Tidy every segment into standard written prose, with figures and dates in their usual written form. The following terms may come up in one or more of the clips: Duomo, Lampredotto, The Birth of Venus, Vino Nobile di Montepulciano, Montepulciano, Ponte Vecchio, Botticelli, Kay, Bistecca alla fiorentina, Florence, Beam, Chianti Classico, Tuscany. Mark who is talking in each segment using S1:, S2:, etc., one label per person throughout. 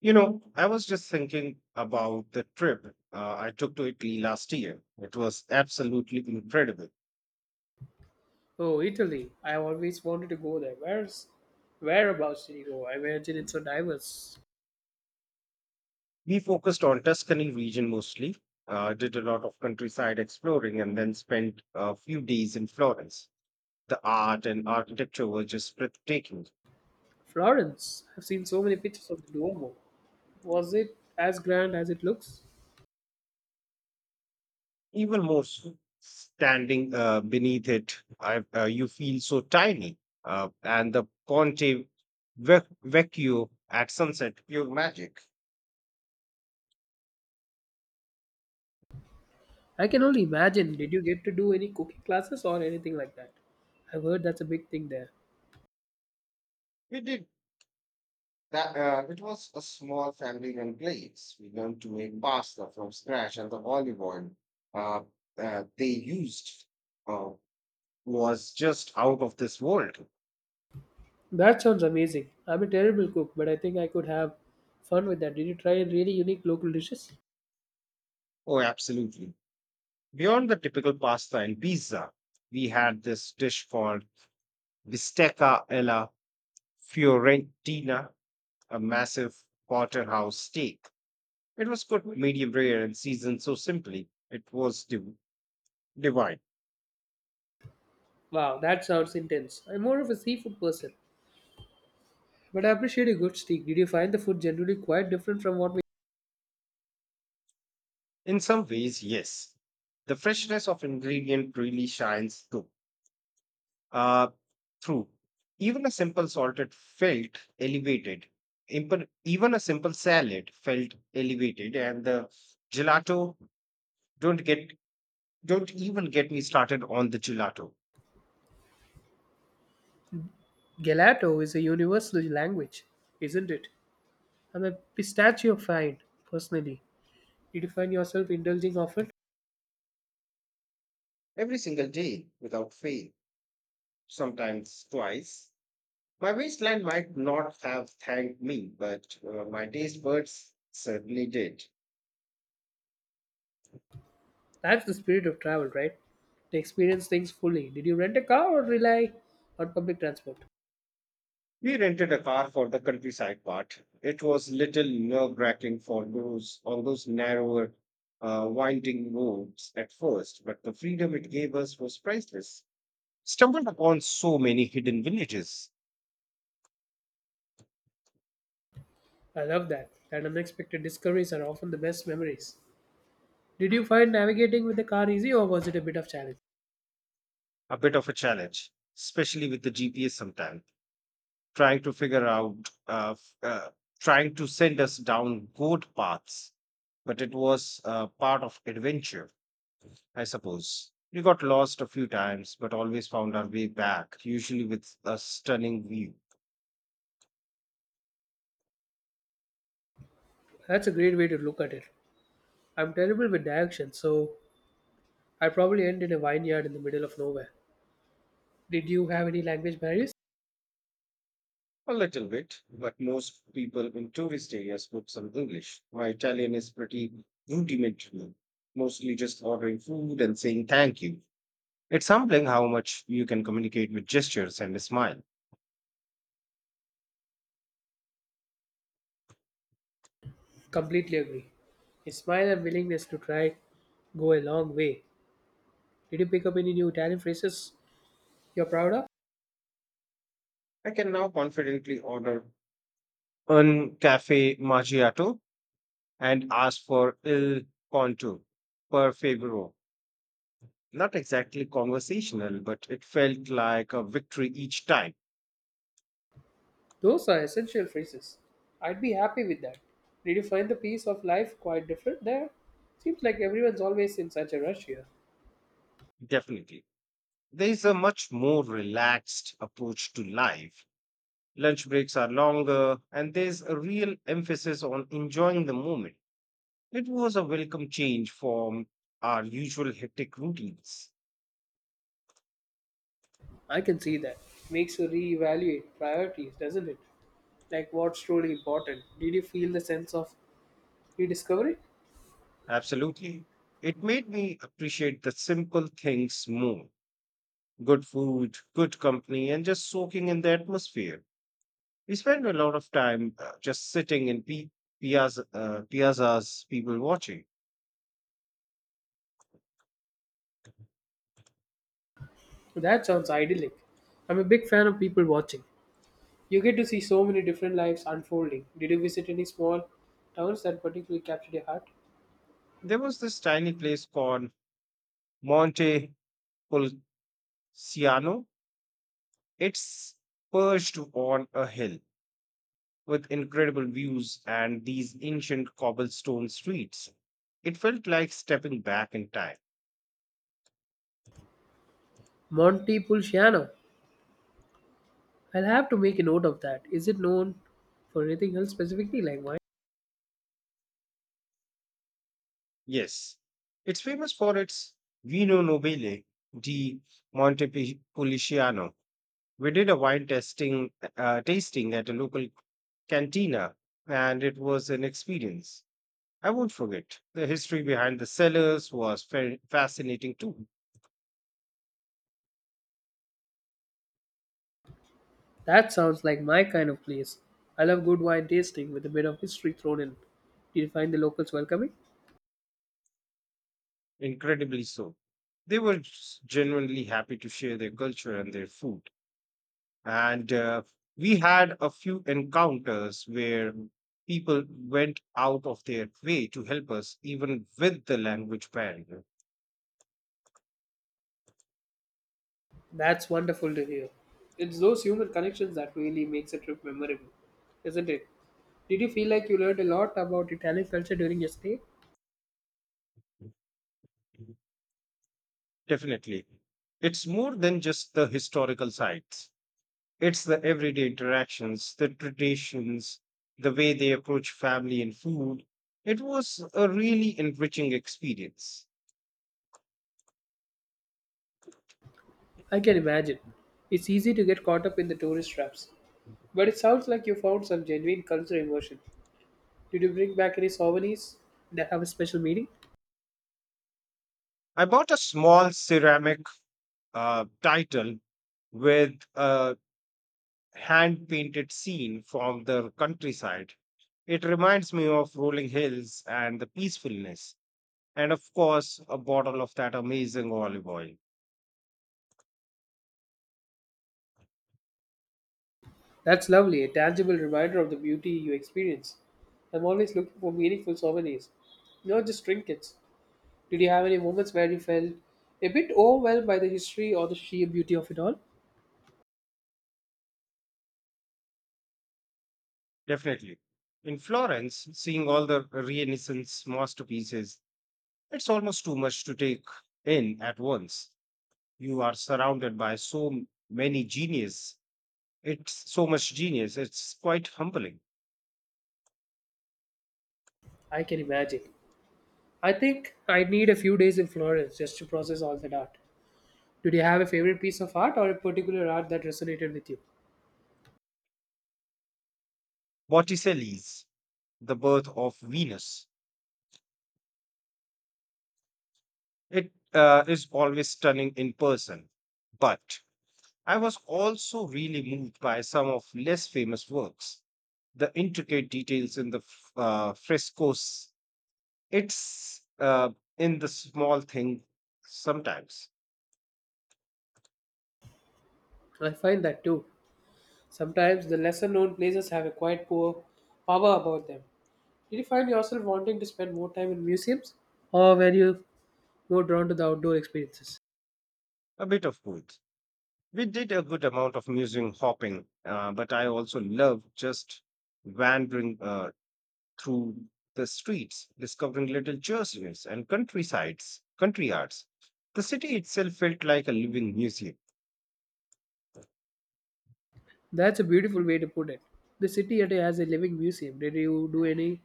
S1: You know, I was just thinking about the trip I took to Italy last year. It was absolutely incredible.
S2: Oh, Italy. I have always wanted to go there. Where's whereabouts did you go? I imagine it's so diverse.
S1: We focused on Tuscany region mostly, did a lot of countryside exploring, and then spent a few days in Florence. The art and architecture were just breathtaking.
S2: Florence. I've seen so many pictures of the Duomo. Was it as grand as it looks?
S1: Even more so, standing beneath it, you feel so tiny. And the Ponte Vecchio at sunset, pure magic.
S2: I can only imagine. Did you get to do any cooking classes or anything like that? I've heard that's a big thing there.
S1: We did That It was a small family-run place. We learned to make pasta from scratch, and the olive oil uh, they used uh, was just out of this world.
S2: That sounds amazing. I'm a terrible cook, but I think I could have fun with that. Did you try any really unique local dishes?
S1: Oh, absolutely! Beyond the typical pasta and pizza, we had this dish called bistecca alla fiorentina, a massive porterhouse steak. It was cooked medium rare and seasoned so simply. It was divine.
S2: Wow, that sounds intense. I'm more of a seafood person, but I appreciate a good steak. Did you find the food generally quite different from what?
S1: In some ways, yes. The freshness of ingredient really shines Uh, through. Even a simple salted felt elevated. Even a simple salad felt elevated, and the gelato don't get don't even get me started on the gelato.
S2: Gelato is a universal language, isn't it? I'm a pistachio fan, personally. Did you find yourself indulging often?
S1: Every single day, without fail, sometimes twice. My waistline might not have thanked me, but my taste buds certainly did.
S2: That's the spirit of travel, right? To experience things fully. Did you rent a car or rely on public transport?
S1: We rented a car for the countryside part. It was little nerve-wracking for those on those narrower, winding roads at first, but the freedom it gave us was priceless. Stumbled upon so many hidden villages,
S2: I love that. That unexpected discoveries are often the best memories. Did you find navigating with the car easy or was it a bit of challenge?
S1: a bit of a challenge, especially with the GPS sometimes, trying to figure out, trying to send us down goat paths. But it was part of adventure, I suppose. We got lost a few times, but always found our way back, usually with a stunning view.
S2: That's a great way to look at it. I'm terrible with directions, so I probably end in a vineyard in the middle of nowhere. Did you have any language barriers?
S1: A little bit, but most people in tourist areas spoke some English. My Italian is pretty rudimentary, mostly just ordering food and saying thank you. It's humbling how much you can communicate with gestures and a smile.
S2: Completely agree. A smile and willingness to try go a long way. Did you pick up any new Italian phrases you're proud of?
S1: I can now confidently order un cafe macchiato and ask for il conto per favore. Not exactly conversational, but it felt like a victory each time,
S2: Those are essential phrases. I'd be happy with that. Did you find the pace of life quite different there? Seems like everyone's always in such a rush here.
S1: definitely. There is a much more relaxed approach to life. Lunch breaks are longer, and there's a real emphasis on enjoying the moment. It was a welcome change from our usual hectic routines.
S2: I can see that. Makes you reevaluate priorities, doesn't it? Like what's truly important. Did you feel the sense of rediscovery?
S1: Absolutely. It made me appreciate the simple things more, good food, good company, and just soaking in the atmosphere. We spend a lot of time just sitting in piazza, piazzas, people watching.
S2: That sounds idyllic. I'm a big fan of people watching. You get to see so many different lives unfolding. Did you visit any small towns that particularly captured your heart?
S1: There was this tiny place called Monte Pulciano. It's perched on a hill with incredible views and these ancient cobblestone streets. It felt like stepping back in time.
S2: Montepulciano. I'll have to make a note of that. Is it known for anything else specifically, like wine?
S1: Yes, it's famous for its Vino Nobile di Montepulciano. We did a wine tasting at a local cantina, and it was an experience I won't forget. The history behind the cellars was fascinating too,
S2: That sounds like my kind of place. I love good wine tasting with a bit of history thrown in. Did you find the locals welcoming?
S1: incredibly so. They were genuinely happy to share their culture and their food. And we had a few encounters where people went out of their way to help us, even with the language barrier.
S2: That's wonderful to hear. It's those human connections that really makes a trip memorable, isn't it? Did you feel like you learned a lot about Italian culture during your stay?
S1: Definitely. It's more than just the historical sites. It's the everyday interactions, the traditions, the way they approach family and food. It was a really enriching experience.
S2: I can imagine. It's easy to get caught up in the tourist traps, but it sounds like you found some genuine cultural immersion. Did you bring back any souvenirs that have a special meaning?
S1: I bought a small ceramic title with a hand painted scene from the countryside. It reminds me of rolling hills and the peacefulness, and of course, a bottle of that amazing olive oil.
S2: That's lovely, a tangible reminder of the beauty you experience. I'm always looking for meaningful souvenirs, not just trinkets. Did you have any moments where you felt a bit overwhelmed by the history or the sheer beauty of it all?
S1: Definitely. In Florence, seeing all the Renaissance masterpieces, it's almost too much to take in at once. You are surrounded by many genius. It's so much genius. It's quite humbling.
S2: I can imagine. I think I would need a few days in Florence just to process all that art. Did you have a favorite piece of art or a particular art that resonated with you?
S1: Botticelli's The Birth of Venus. It is always stunning in person, but I was also really moved by some of less famous works. The intricate details in the frescoes. It's in the small thing sometimes.
S2: I find that too. Sometimes the lesser known places have a quite poor power about them. Did you find yourself wanting to spend more time in museums? Or were you more drawn to the outdoor experiences?
S1: A bit of both. We did a good amount of museum hopping, but I also love just wandering through the streets, discovering little churches and countrysides, country arts. The city itself felt like a living museum.
S2: That's a beautiful way to put it. The city yet has a living museum. Did you do any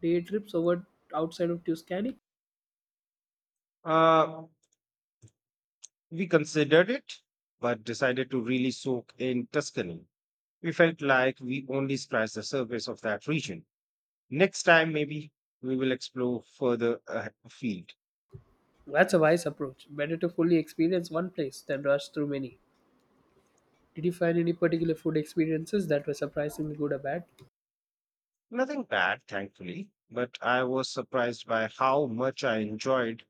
S2: day trips over outside of Tuscany?
S1: Uh, we considered it, but decided to really soak in Tuscany. We felt like we only scratched the surface of that region. Next time, maybe we will explore further afield.
S2: That's a wise approach. Better to fully experience one place than rush through many. Did you find any particular food experiences that were surprisingly good or bad?
S1: Nothing bad, thankfully, but I was surprised by how much I enjoyed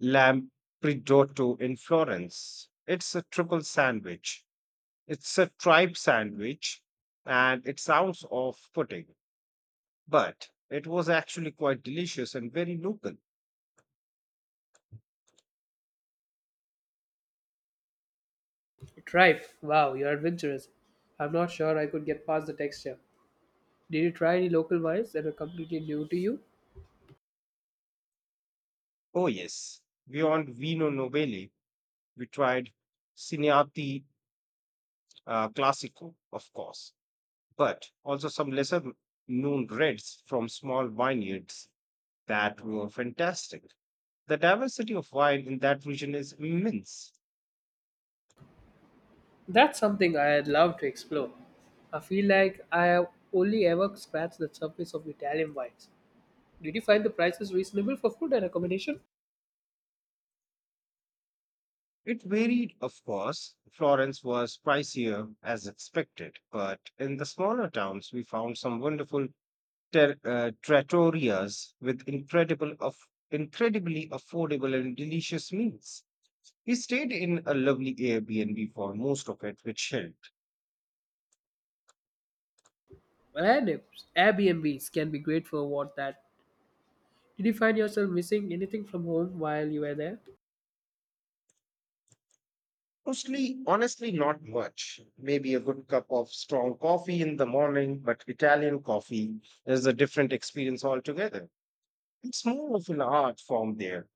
S1: Lampredotto in Florence. It's a tripe sandwich, and it sounds off putting, but it was actually quite delicious and very local.
S2: Tripe. Wow, you're adventurous. I'm not sure I could get past the texture. Did you try any local wines that were completely new to you?
S1: Oh, yes, beyond Vino Nobile, we tried Cineati Classico, of course, but also some lesser known reds from small vineyards that were fantastic. The diversity of wine in that region is immense.
S2: That's something I'd love to explore. I feel like I have only ever scratched the surface of Italian wines. Did you find the prices reasonable for food and accommodation?
S1: It varied, of course. Florence was pricier as expected, but in the smaller towns, we found some wonderful trattorias with incredible of incredibly affordable and delicious meals. We stayed in a lovely Airbnb for most of it, which helped.
S2: Well, and if Airbnbs can be great for what that. Did you find yourself missing anything from home while you were there?
S1: Mostly, honestly, not much. Maybe a good cup of strong coffee in the morning, but Italian coffee is a different experience altogether. It's more of an art form there.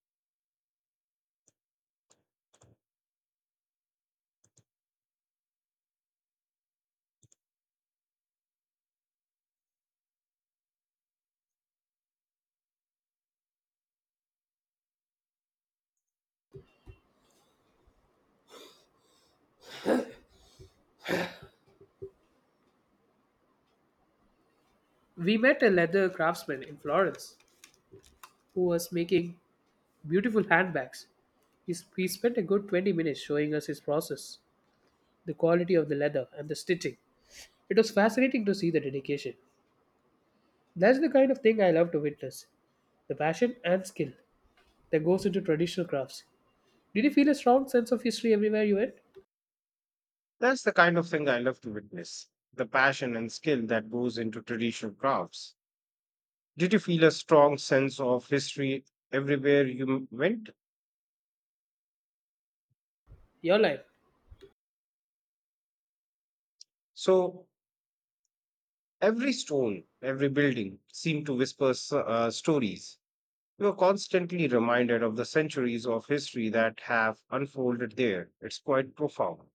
S2: We met a leather craftsman in Florence who was making beautiful handbags. He spent a good 20 minutes showing us his process, the quality of the leather, and the stitching. It was fascinating to see the dedication. That's the kind of thing I love to witness, the passion and skill that goes into traditional crafts. Did you feel a strong sense of history everywhere you went?
S1: That's the kind of thing I love to witness, the passion and skill that goes into traditional crafts. Did you feel a strong sense of history everywhere you went?
S2: Your life.
S1: So, every stone, every building seemed to whisper stories. We are constantly reminded of the centuries of history that have unfolded there. It's quite profound.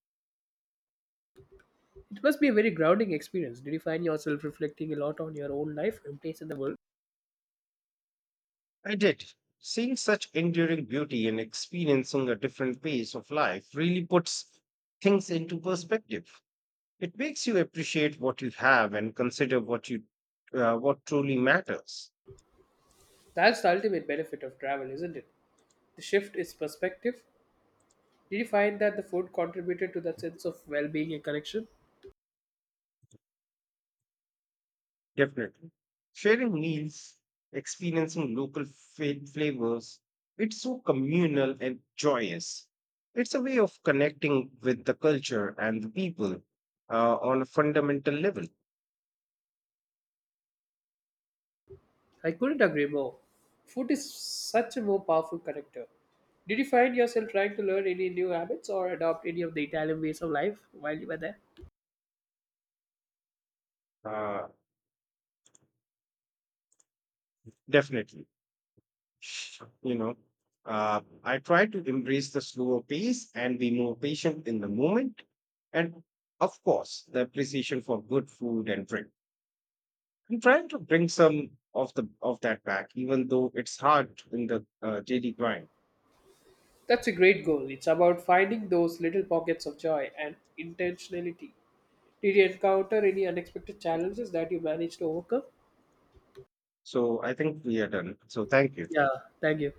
S2: It must be a very grounding experience. Did you find yourself reflecting a lot on your own life and place in the world?
S1: I did. Seeing such enduring beauty and experiencing a different pace of life really puts things into perspective. It makes you appreciate what you have and consider what you what truly matters.
S2: That's the ultimate benefit of travel, isn't it? The shift is perspective. Did you find that the food contributed to that sense of well being and connection?
S1: Definitely. Sharing meals, experiencing local flavors, it's so communal and joyous. It's a way of connecting with the culture and the people on a fundamental level.
S2: I couldn't agree more. Food is such a more powerful connector. Did you find yourself trying to learn any new habits or adopt any of the Italian ways of life while you were there?
S1: Uh, definitely. Sh- You know, I try to embrace the slower pace and be more patient in the moment. And of course, the appreciation for good food and drink. I'm trying to bring some of that back, even though it's hard in the daily grind.
S2: That's a great goal. It's about finding those little pockets of joy and intentionality. Did you encounter any unexpected challenges that you managed to overcome?
S1: So I think we are done. So thank you.
S2: Yeah, thank you.